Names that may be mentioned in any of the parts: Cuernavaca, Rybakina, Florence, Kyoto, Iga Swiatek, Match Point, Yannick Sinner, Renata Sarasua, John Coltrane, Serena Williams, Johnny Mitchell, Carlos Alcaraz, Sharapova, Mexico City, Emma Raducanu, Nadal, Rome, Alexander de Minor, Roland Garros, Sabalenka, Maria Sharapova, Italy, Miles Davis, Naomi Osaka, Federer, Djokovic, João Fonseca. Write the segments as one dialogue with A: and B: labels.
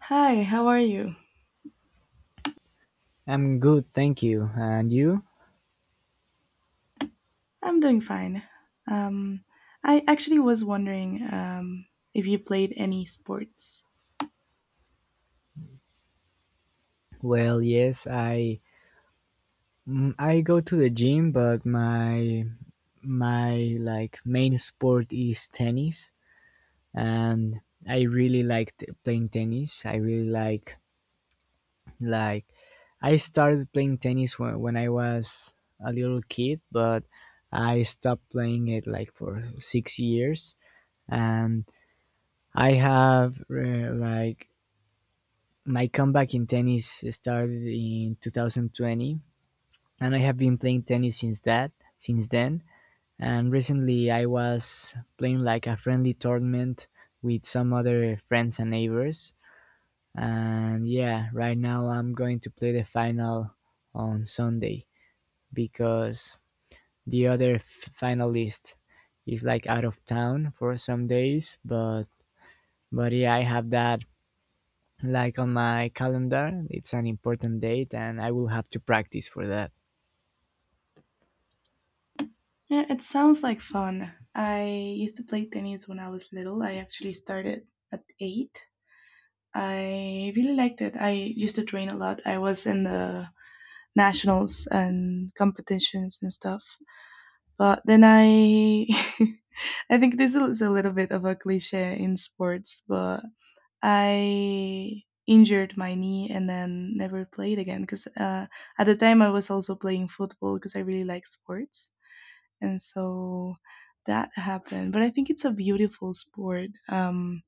A: Hi, how are you?
B: I'm good, thank you. And you?
A: I'm doing fine. Um, I actually was wondering if you played any sports.
B: Well, yes, I go to the gym, but my like main sport is tennis, and I really like playing tennis. I really like like I started playing tennis when I was a little kid, but I stopped playing it like for 6 years and I have like my comeback in tennis started in 2020, and I have been playing tennis since then. And recently, I was playing like a friendly tournament with some other friends and neighbors. And yeah, right now I'm going to play the final on Sunday because the other finalist is like out of town for some days. But yeah, I have that like on my calendar. It's an important date, and I will have to practice for that.
A: Yeah, it sounds like fun. I used to play tennis when I was little. I actually started at eight. I really liked it. I used to train a lot. I was in the nationals and competitions and stuff. But I think this is a little bit of a cliche in sports, but I injured my knee and then never played again because at the time I was also playing football because I really like sports, and so that happened. But I think it's a beautiful sport.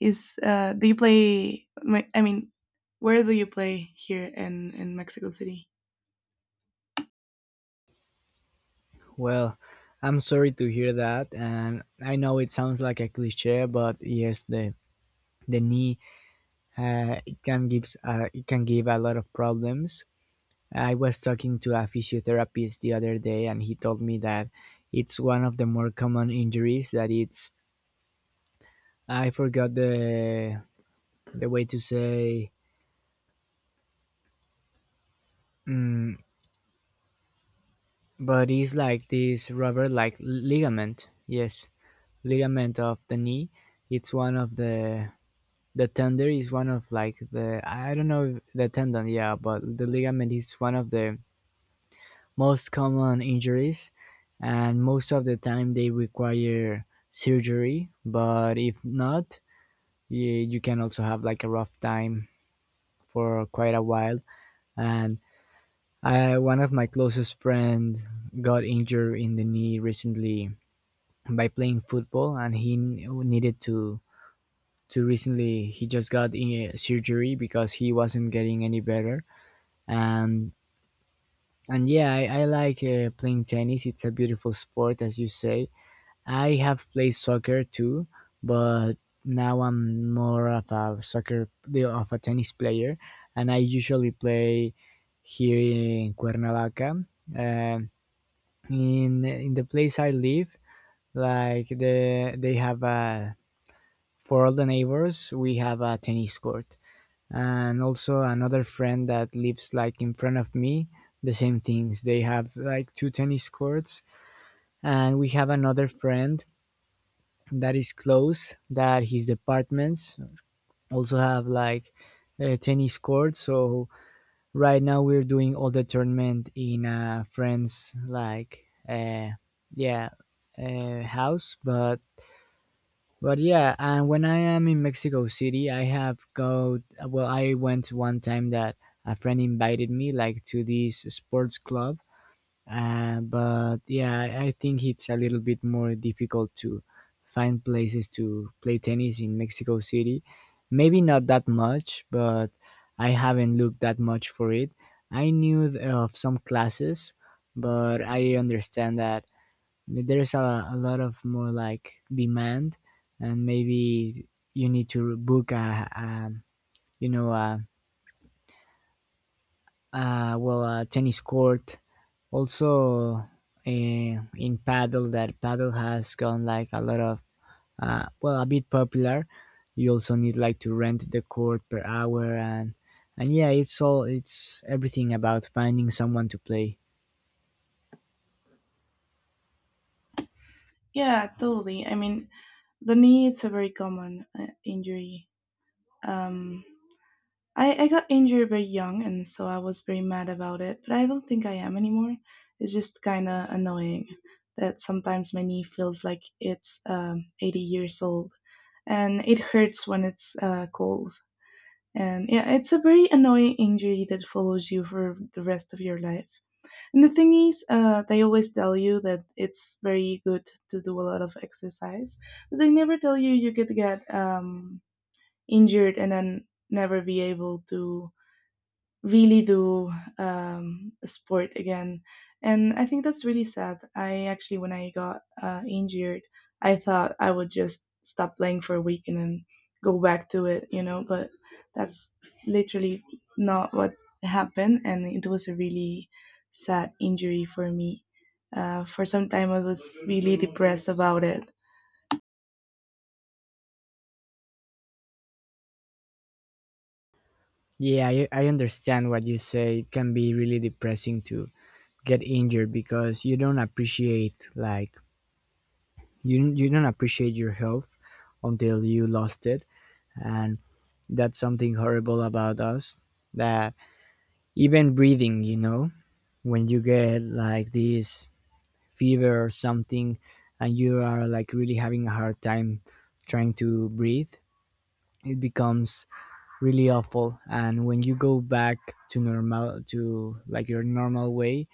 A: Is Do you play? I mean, where do you play here in Mexico City?
B: Well, I'm sorry to hear that, and I know it sounds like a cliche, but yes, the knee, it can give a lot of problems. I was talking to a physiotherapist the other day, and he told me that it's one of the more common injuries. That it's, I forgot the way to say, mm, but it's like this rubber like ligament. Yes, ligament of the knee. It's one of the— the tender is one of like the, I don't know the tendon, yeah, but the ligament is one of the most common injuries, and most of the time they require surgery. But if not, you can also have like a rough time for quite a while. And one of my closest friends got injured in the knee recently by playing football, and he needed to— to recently he just got in surgery because he wasn't getting any better, and and yeah, I like playing tennis. It's a beautiful sport, as you say. I have played soccer too, but now I'm more of a tennis player, and I usually play here in Cuernavaca. Um in the place I live, like they have a— for all the neighbors we have a tennis court, and also another friend that lives like in front of me, the same things, they have like two tennis courts. And we have another friend that is close, that his departments also have like a tennis court. So right now we're doing all the tournament in a friend's like yeah house. But yeah, and when I am in Mexico City, I have go. Well, I went one time that a friend invited me like to this sports club. But yeah, I think it's a little bit more difficult to find places to play tennis in Mexico City. Maybe not that much, but I haven't looked that much for it. I knew of some classes, but I understand that, I mean, there's a lot of more like demand, and maybe you need to book a— you know a, a, well, a tennis court. Also, uh, in paddle— that paddle has gone like a lot of, well, a bit popular. You also need like to rent the court per hour, and yeah, it's everything about finding someone to play.
A: Yeah, totally. I mean, the knee it's a very common injury. Um, I got injured very young, and so I was very mad about it. But I don't think I am anymore. It's just kind of annoying that sometimes my knee feels like it's 80 years old, and it hurts when it's cold. And yeah, it's a very annoying injury that follows you for the rest of your life. And the thing is, they always tell you that it's very good to do a lot of exercise, but they never tell you you could get injured and then never be able to really do sport again. And I think that's really sad. I actually, when I got injured, I thought I would just stop playing for a week and then go back to it, you know, but that's literally not what happened. And it was a really sad injury for me. For some time, I was really depressed about it.
B: Yeah, I understand what you say. It can be really depressing to get injured because you don't appreciate like— you don't appreciate your health until you lost it. And that's something horrible about us, that even breathing, when you get like this fever or something and you are like really having a hard time trying to breathe, it becomes really awful. And when you go back to normal, to like your normal way,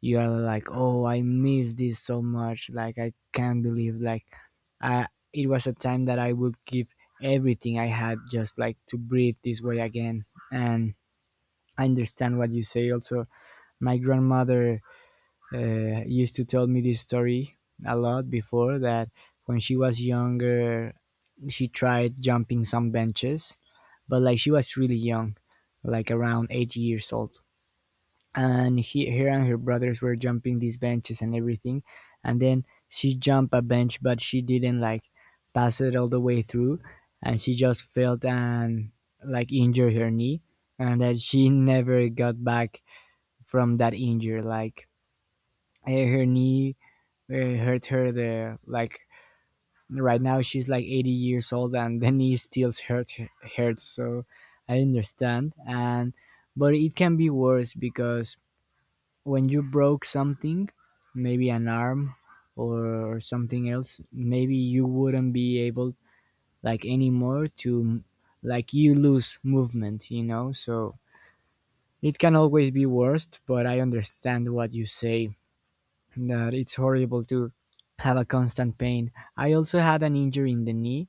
B: you are like, oh, I miss this so much, like I can't believe like, I— it was a time that I would give everything I had just like to breathe this way again. And I understand what you say also. My grandmother used to tell me this story a lot before, that when she was younger, she tried jumping some benches, but like she was really young, like around 8 years old, and her and her brothers were jumping these benches and everything, and then she jumped a bench but she didn't like pass it all the way through, and she just fell and like injured her knee. And that she never got back from that injury, like, her knee hurt her the like— right now she's like 80 years old and the knee still hurts. So I understand. And but it can be worse because when you broke something, maybe an arm or something else, maybe you wouldn't be able like anymore to— like you lose movement, you know? So it can always be worst, but I understand what you say, that it's horrible to have a constant pain. I also had an injury in the knee,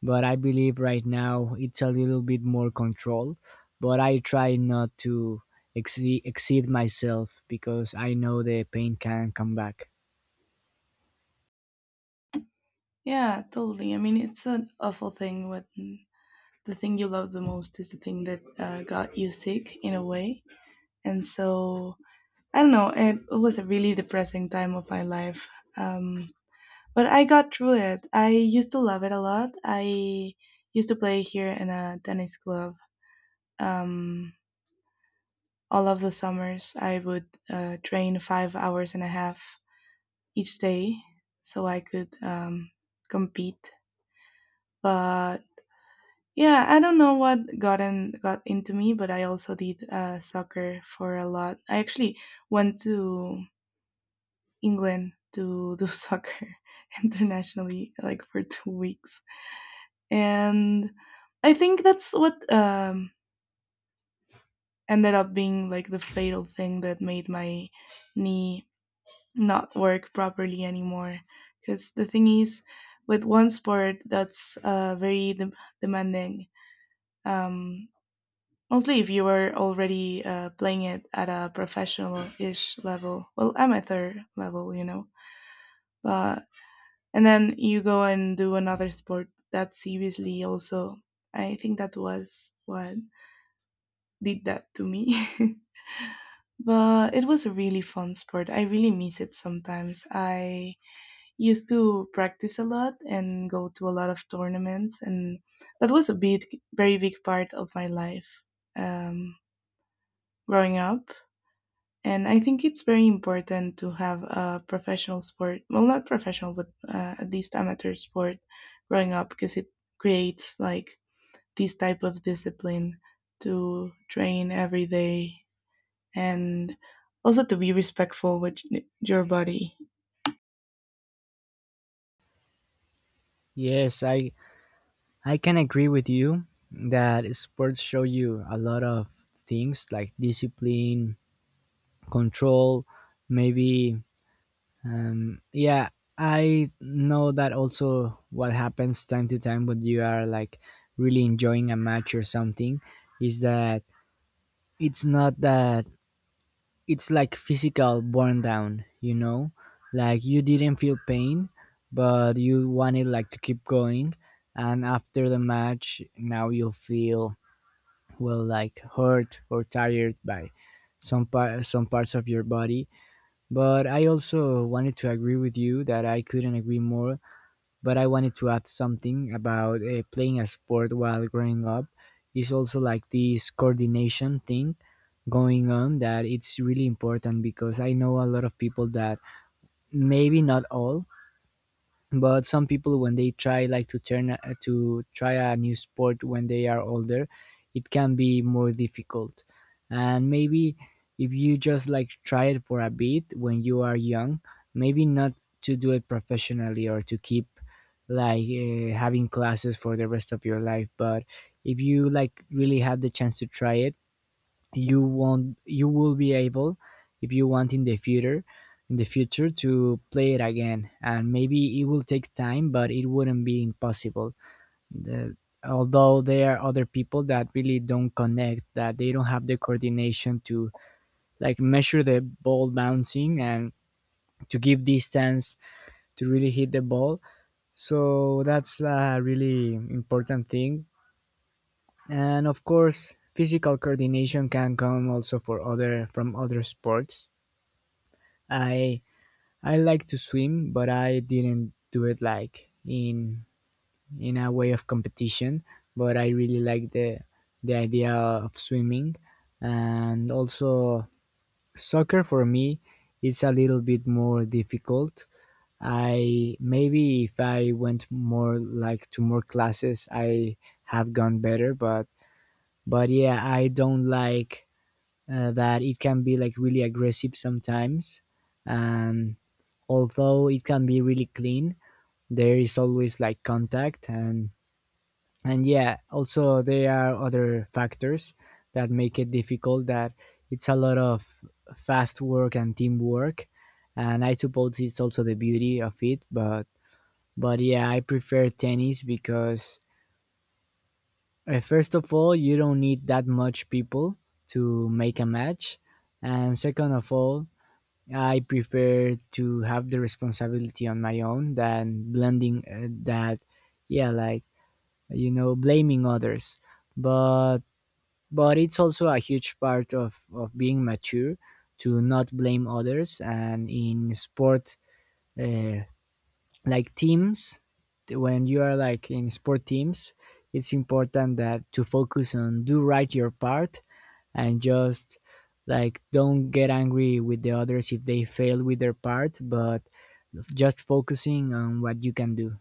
B: but I believe right now it's a little bit more controlled. But I try not to exceed myself because I know the pain can come back.
A: Yeah, totally. I mean, it's an awful thing when the thing you love the most is the thing that got you sick in a way. And so, I don't know, it was a really depressing time of my life. Um, but I got through it. I used to love it a lot. I used to play here in a tennis club. Um, all of the summers, I would train 5 hours and a half each day so I could compete. But yeah, I don't know what got into me, but I also did soccer for a lot. I actually went to England to do soccer internationally, like for 2 weeks, and I think that's what ended up being like the fatal thing that made my knee not work properly anymore. Because the thing is, with one sport that's uh, very demanding. Um, Mostly if you were already playing it at a professional-ish level, well, amateur level, you know. But and then you go and do another sport that seriously also. I think that was what did that to me. But it was a really fun sport. I really miss it sometimes. I used to practice a lot and go to a lot of tournaments, and that was a very big part of my life um, growing up. And I think it's very important to have a professional sport, well, not professional, but at least amateur sport growing up because it creates like this type of discipline to train every day and also to be respectful with your body.
B: Yes, I can agree with you that sports show you a lot of things, like discipline, control, maybe. Yeah, I know that also what happens time to time when you are like really enjoying a match or something is that— it's not that, it's like physical burn down, you know? Like you didn't feel pain, but you wanted like to keep going, and after the match now you feel well like hurt or tired by some parts of your body. But I also wanted to agree with you that I couldn't agree more, but I wanted to add something about playing a sport while growing up. It's also like this coordination thing going on, that it's really important, because I know a lot of people that, maybe not all, but some people, when they try like to to try a new sport when they are older, it can be more difficult. And maybe if you just like try it for a bit when you are young, maybe not to do it professionally or to keep like having classes for the rest of your life, but if you like really have the chance to try it, you will be able, if you want in the future, to play it again. And maybe it will take time, but it wouldn't be impossible. the, Although, there are other people that really don't connect, that they don't have the coordination to like measure the ball bouncing, and to give distance to really hit the ball. So that's a really important thing. And of course physical coordination can come also for other— from other sports. I I like to swim, but I didn't do it like in— in a way of competition. But I really like the idea of swimming. And also soccer for me is a little bit more difficult. I— maybe if I went more like to more classes, I have gone better. But yeah, I don't like that it can be like really aggressive sometimes. And although it can be really clean, there is always like contact. And yeah, also there are other factors that make it difficult. That it's a lot of fast work and teamwork, and I suppose it's also the beauty of it. But yeah, I prefer tennis because, first of all, you don't need that much people to make a match, and second of all, I prefer to have the responsibility on my own than blending that, yeah, like, you know, blaming others. But but it's also a huge part of being mature to not blame others. And in sport, uh, like teams, when you are like in sport teams, it's important that to focus on do right your part, and just like don't get angry with the others if they fail with their part, but just focusing on what you can do.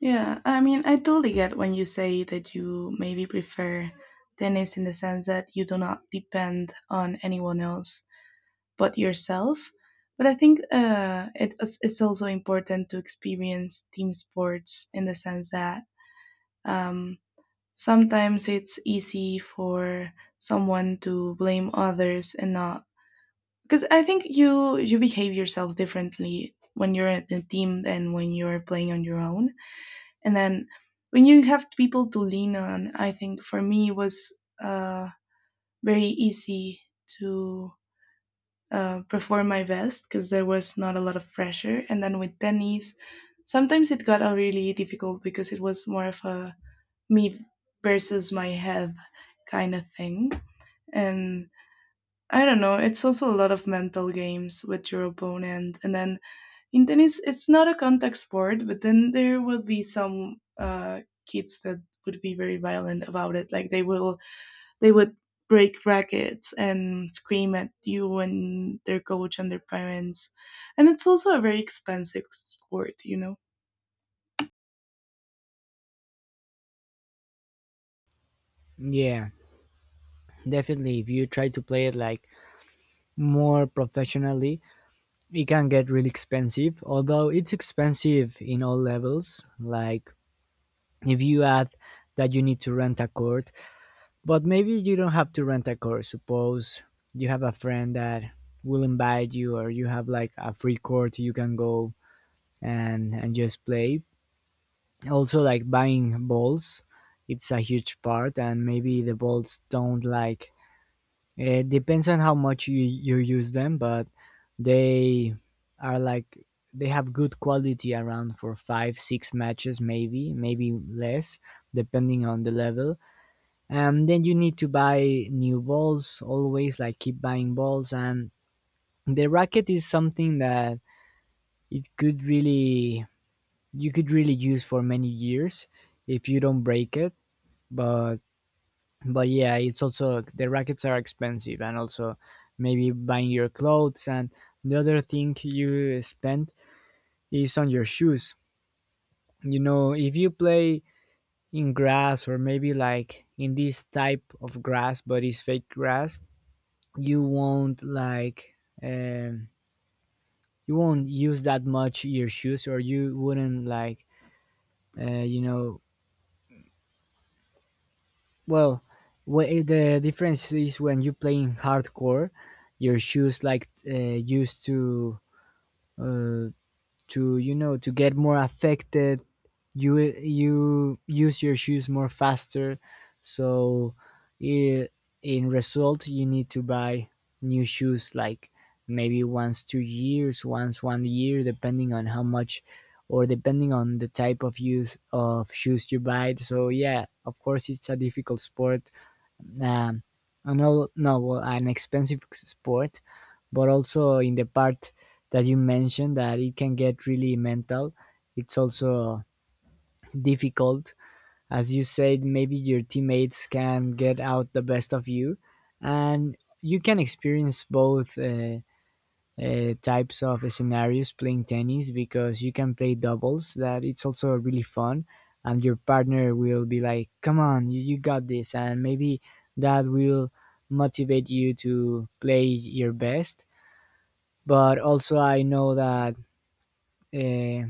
A: Yeah, I mean, I totally get when you say that you maybe prefer tennis in the sense that you do not depend on anyone else but yourself. But I think it's also important to experience team sports in the sense that um, sometimes it's easy for someone to blame others and not because I think you behave yourself differently when you're in a team than when you're playing on your own, and then when you have people to lean on, I think for me it was uh, very easy to perform my best because there was not a lot of pressure. And then with tennis, sometimes it got really difficult because it was more of a me versus my head kind of thing. And I don't know, it's also a lot of mental games with your opponent. And then in tennis it's not a contact sport, but then there will be some kids that would be very violent about it, like they would break rackets and scream at you and their coach and their parents, and it's also a very expensive sport, you know.
B: Yeah, definitely, if you try to play it like more professionally, it can get really expensive, although it's expensive in all levels, like if you add that you need to rent a court. But maybe you don't have to rent a car. Suppose you have a friend that will invite you, or you have like a free court you can go and just play. Also, like buying balls, it's a huge part, and maybe the balls don't like— It depends on how much you use them, but they are like they have good quality around for 5 6 matches maybe maybe less depending on the level. Then you need to buy new balls, always like keep buying balls. And the racket is something that it could really you could really use for many years if you don't break it. But but yeah, it's also the rackets are expensive, and also maybe buying your clothes. And the other thing you spend is on your shoes. You know, if you play in grass, or maybe like in this type of grass but it's fake grass, you won't like, um, you won't use that much your shoes, or you wouldn't like, uh, you know well the difference is when you play in hardcore, your shoes like used to uh, to, you know, to get more affected. You use your shoes more faster. So, i- in result, you need to buy new shoes like maybe once 2 years, once 1 year, depending on how much, or depending on the type of use of shoes you buy. So yeah, of course, it's a difficult sport. Um, an all no well, An expensive sport, but also in the part that you mentioned that it can get really mental. It's also difficult, as you said. Maybe your teammates can get out the best of you, and you can experience both. Types of scenarios playing tennis because you can play doubles that it's also really fun, and your partner will be like, come on you got this. And maybe that will motivate you to play your best. But also, I know that, uh,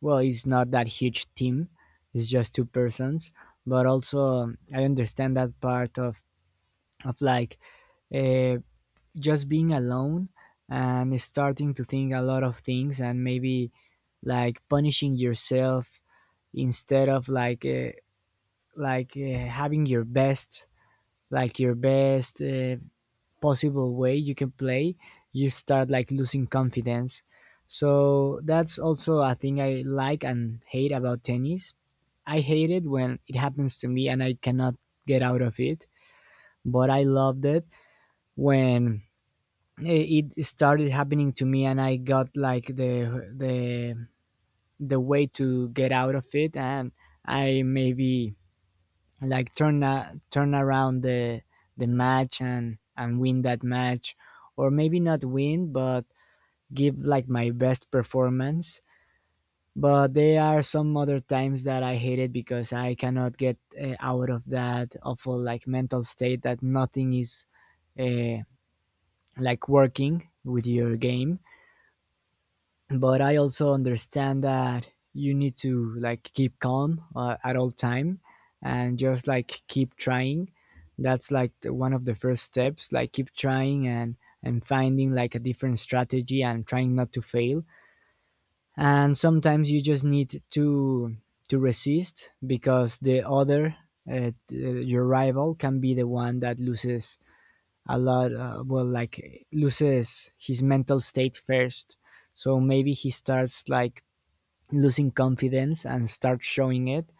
B: well, it's not that huge team, it's just two persons. But also, I understand that part of of like uh, just being alone and starting to think a lot of things and maybe like punishing yourself instead of like having your best, like your best possible way you can play. You start like losing confidence. So that's also a thing I like and hate about tennis. I hate it when it happens to me and I cannot get out of it. But I loved it when it started happening to me and I got like the way to get out of it, and I maybe like turn around the match, and win that match, or maybe not win but give like my best performance. But there are some other times that I hate it because I cannot get out of that awful like mental state that nothing is uh, like working with your game. But I also understand that you need to like keep calm at all time and just like keep trying. That's like one of the first steps, like keep trying and finding like a different strategy and trying not to fail. And sometimes you just need to resist because the other your rival can be the one that loses a lot well, like loses his mental state first. So maybe he starts like losing confidence and start showing it,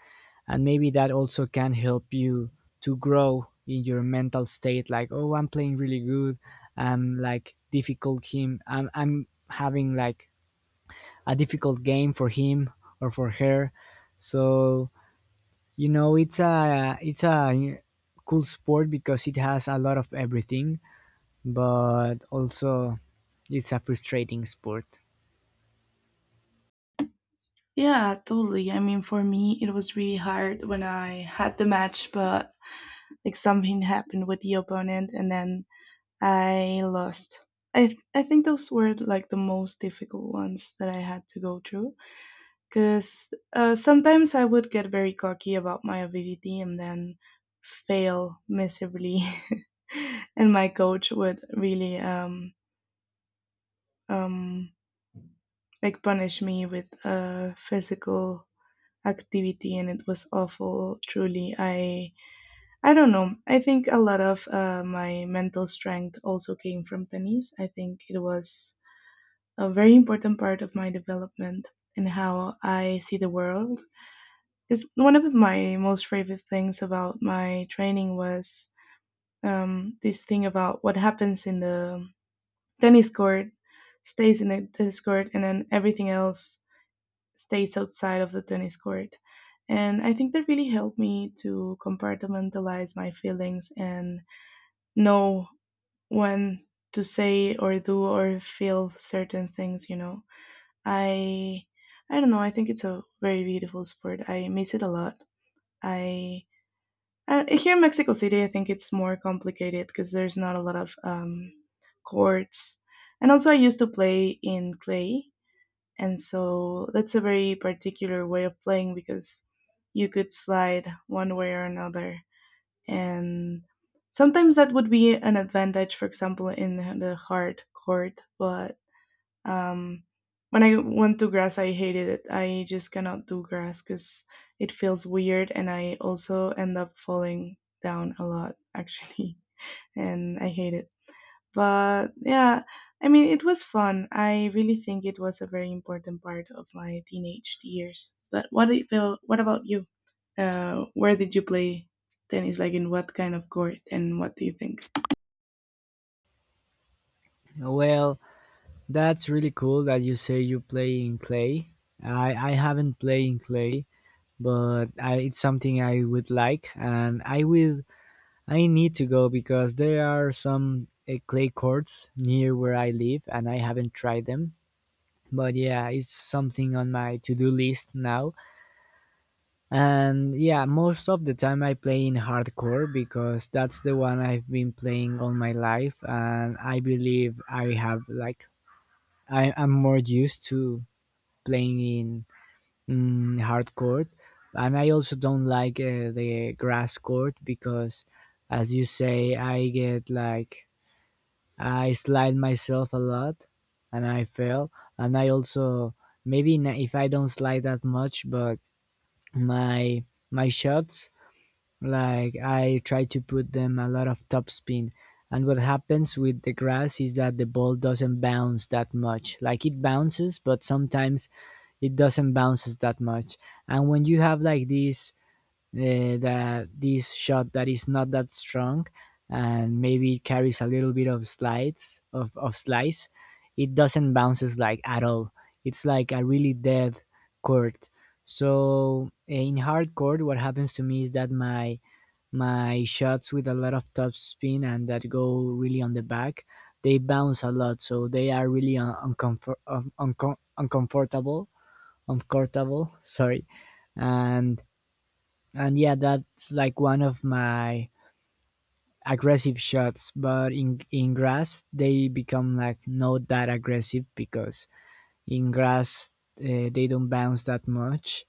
B: and maybe that also can help you to grow in your mental state, like, oh, I'm playing really good, I'm like difficult him, I'm having like a difficult game for him, or for her. So, you know, it's a cool sport because it has a lot of everything, but also it's a frustrating sport.
A: Yeah, totally. I mean, for me, it was really hard when I had the match, but like something happened with the opponent and then I lost. I think those were like the most difficult ones that I had to go through because sometimes I would get very cocky about my ability and then fail miserably. And my coach would really um, like punish me with physical activity, and it was awful, truly. I don't know, I think a lot of my mental strength also came from tennis. I think it was a very important part of my development and how I see the world. Is one of my most favorite things about my training was this thing about what happens in the tennis court stays in the tennis court, and then everything else states outside of the tennis court. And I think that really helped me to compartmentalize my feelings and know when to say or do or feel certain things, you know. I I don't know, I think it's a very beautiful sport. I miss it a lot. I Here in Mexico City, I think it's more complicated because there's not a lot of courts. And also, I used to play in clay, and so that's a very particular way of playing because you could slide one way or another. And sometimes that would be an advantage, for example, in the hard court. But um, when I went to grass, I hated it. I just cannot do grass because it feels weird. And I also end up falling down a lot, actually. And I hate it. But yeah, I mean, it was fun. I really think it was a very important part of my teenage years. But what do you feel, what about you? Where did you play tennis? Like in what kind of court and what do you think?
B: Well, that's really cool that you say you play in clay. I haven't played in clay, but it's something I would like, and I will. I need to go because there are some clay courts near where I live, and I haven't tried them. But yeah, it's something on my to do list now. And yeah, most of the time I play in hardcore because that's the one I've been playing all my life, and I believe I have like, I'm more used to playing in, mm, hard court. And I also don't like the grass court because, as you say, I get like, I slide myself a lot, and I fail. And I also maybe if I don't slide that much, but my my shots, like, I try to put them a lot of topspin. And what happens with the grass is that the ball doesn't bounce that much. Like, it bounces, but sometimes it doesn't bounces that much. And when you have like this, that this shot that is not that strong and maybe carries a little bit of of slice, it doesn't bounces like at all. It's like a really dead chord. So, eh, in hardcore what happens to me is that my shots with a lot of top spin and that go really on the back, they bounce a lot, so they are really uncomfortable, uncomfortable, sorry. and and yeah, that's like one of my aggressive shots. But in grass, they become like not that aggressive because in grass they don't bounce that much.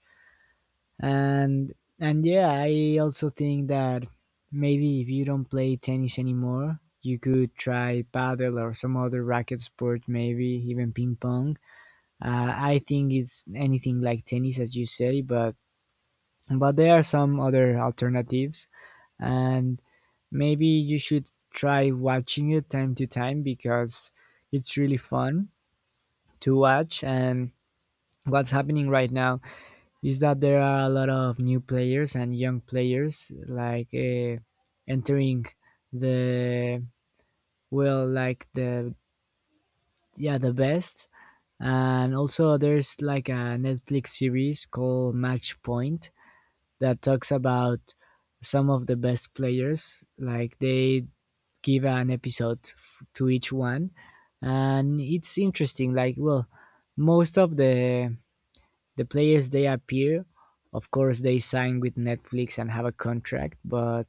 B: And and yeah, I also think that maybe if you don't play tennis anymore, you could try paddle or some other racket sport, maybe even ping pong. I think it's anything like tennis, as you say, but there are some other alternatives. And maybe you should try watching it time to time because it's really fun to watch. And what's happening right now is that there are a lot of new players and young players like entering the, well, like the, yeah, the best. And also, there's like a Netflix series called Match Point that talks about some of the best players. Like, they give an episode to each one, and it's interesting. Like, well, most of the players, they appear, of course they sign with Netflix and have a contract,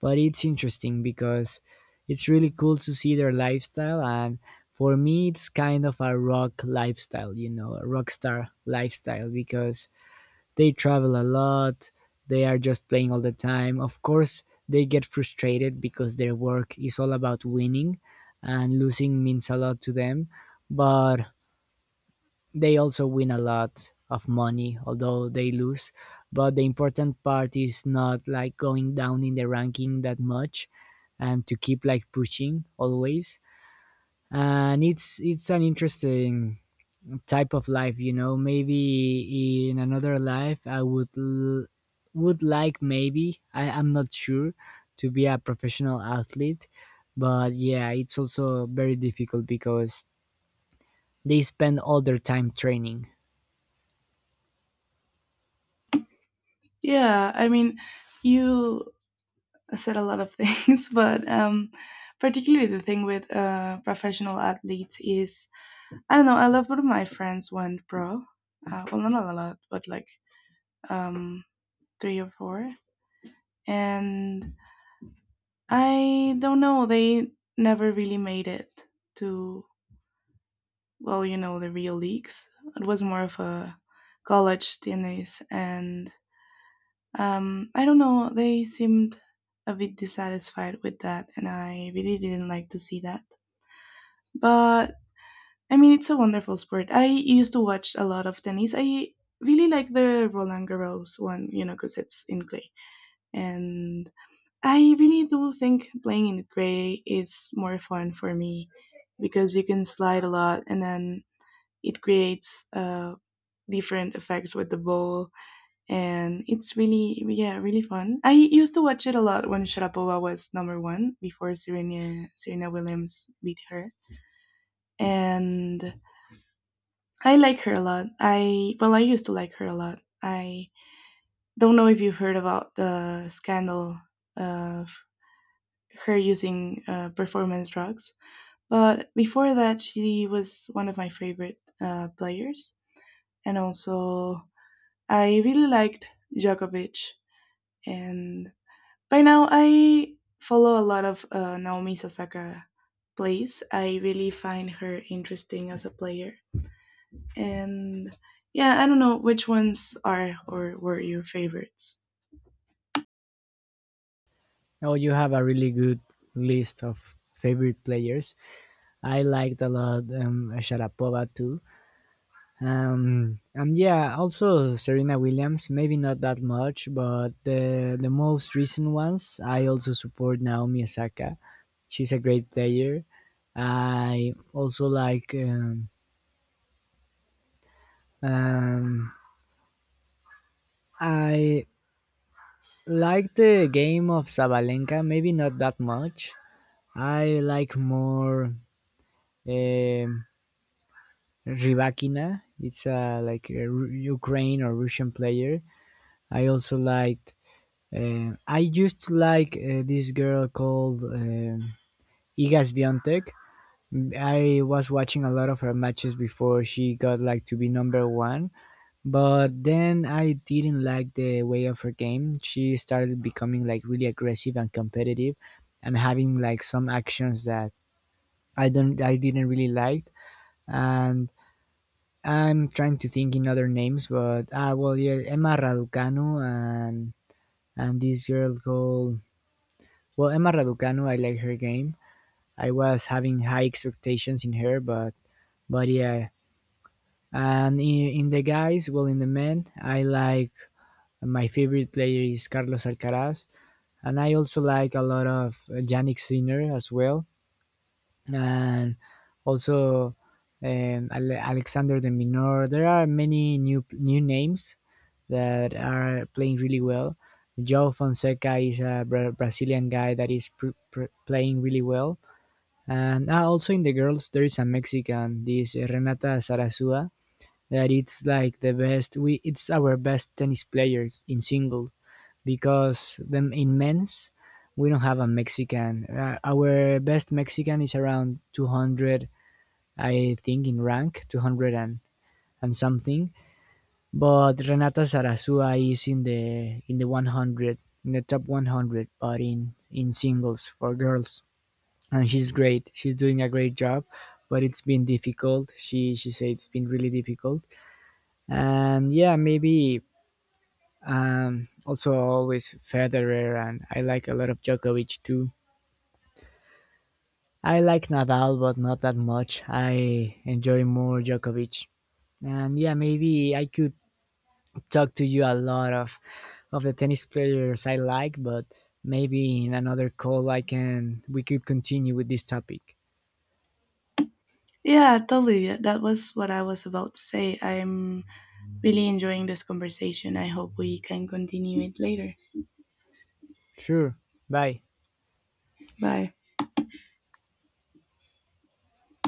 B: but it's interesting because it's really cool to see their lifestyle. And for me, it's kind of a rock lifestyle, you know, a rock star lifestyle, because they travel a lot, they are just playing all the time. Of course they get frustrated because their work is all about winning, and losing means a lot to them. But they also win a lot of money although they lose, but the important part is not like going down in the ranking that much, and to keep like pushing always. And it's an interesting type of life, you know. Maybe in another life I would like, maybe I'm not sure, to be a professional athlete. But yeah, it's also very difficult because they spend all their time training.
A: Yeah, I mean, you said a lot of things, but particularly the thing with professional athletes is I don't know. A lot of my friends went pro. Well, not a lot, but like um, three or four. And I don't know. They never really made it to, well, you know, the real leagues. It was more of a college tennis, and I don't know. They seemed a bit dissatisfied with that, and I really didn't like to see that. But I mean, it's a wonderful sport. I used to watch a lot of tennis. I really like the Roland Garros one, you know, because it's in clay, and I really do think playing in the gray is more fun for me because you can slide a lot and then it creates different effects with the ball, and it's really, yeah, really fun. I used to watch it a lot when Sharapova was number one before Serena Williams beat her, and I like her a lot. I, well, I used to like her a lot. I don't know if you've heard about the scandal of her using performance drugs. But before that, she was one of my favorite players. And also, I really liked Djokovic. And by now, I follow a lot of Naomi Osaka plays. I really find her interesting as a player. And yeah, I don't know which ones are or were your favorites.
B: Oh, you have a really good list of favorite players. I liked a lot, Sharapova too. And yeah, also Serena Williams. Maybe not that much, but the most recent ones. I also support Naomi Osaka. She's a great player. I also like, um, I like the game of Sabalenka. Maybe not that much. I like more, um, Rybakina. It's like a Ukraine or Russian player. I also liked, um, I used to like this girl called, Iga Swiatek. I was watching a lot of her matches before she got like to be number one, but then I didn't like the way of her game. She started becoming like really aggressive and competitive, and having like some actions that I didn't really like. And I'm trying to think in other names, but, ah, well, yeah, Emma Raducanu, and this girl called, well, Emma Raducanu, I like her game. I was having high expectations in her, but yeah. And in the guys, well, in the men, I like, my favorite player is Carlos Alcaraz, and I also like a lot of Yannick Sinner as well, and also, Alexander de Minor. There are many new names that are playing really well. João Fonseca is a Brazilian guy that is playing really well. And, ah, also in the girls, there is a Mexican, this, eh, Renata Sarasua, that it's like the best. We It's our best tennis players in single because them in men's we don't have a Mexican. Our best Mexican is around 200, I think, in rank 200 and something. But Renata Sarasua is in the 100, in the top 100, but in singles for girls. And she's great, she's doing a great job, but it's been difficult. She said it's been really difficult. And yeah, maybe, um, also always Federer, and I like a lot of Djokovic too. I like Nadal but not that much, I enjoy more Djokovic. And yeah, maybe I could talk to you a lot of the tennis players I like, but maybe in another call I can we could continue with this topic.
A: Yeah, totally. That was what I was about to say. I'm really enjoying this conversation. I hope we can continue it later.
B: Sure, bye.
A: Bye.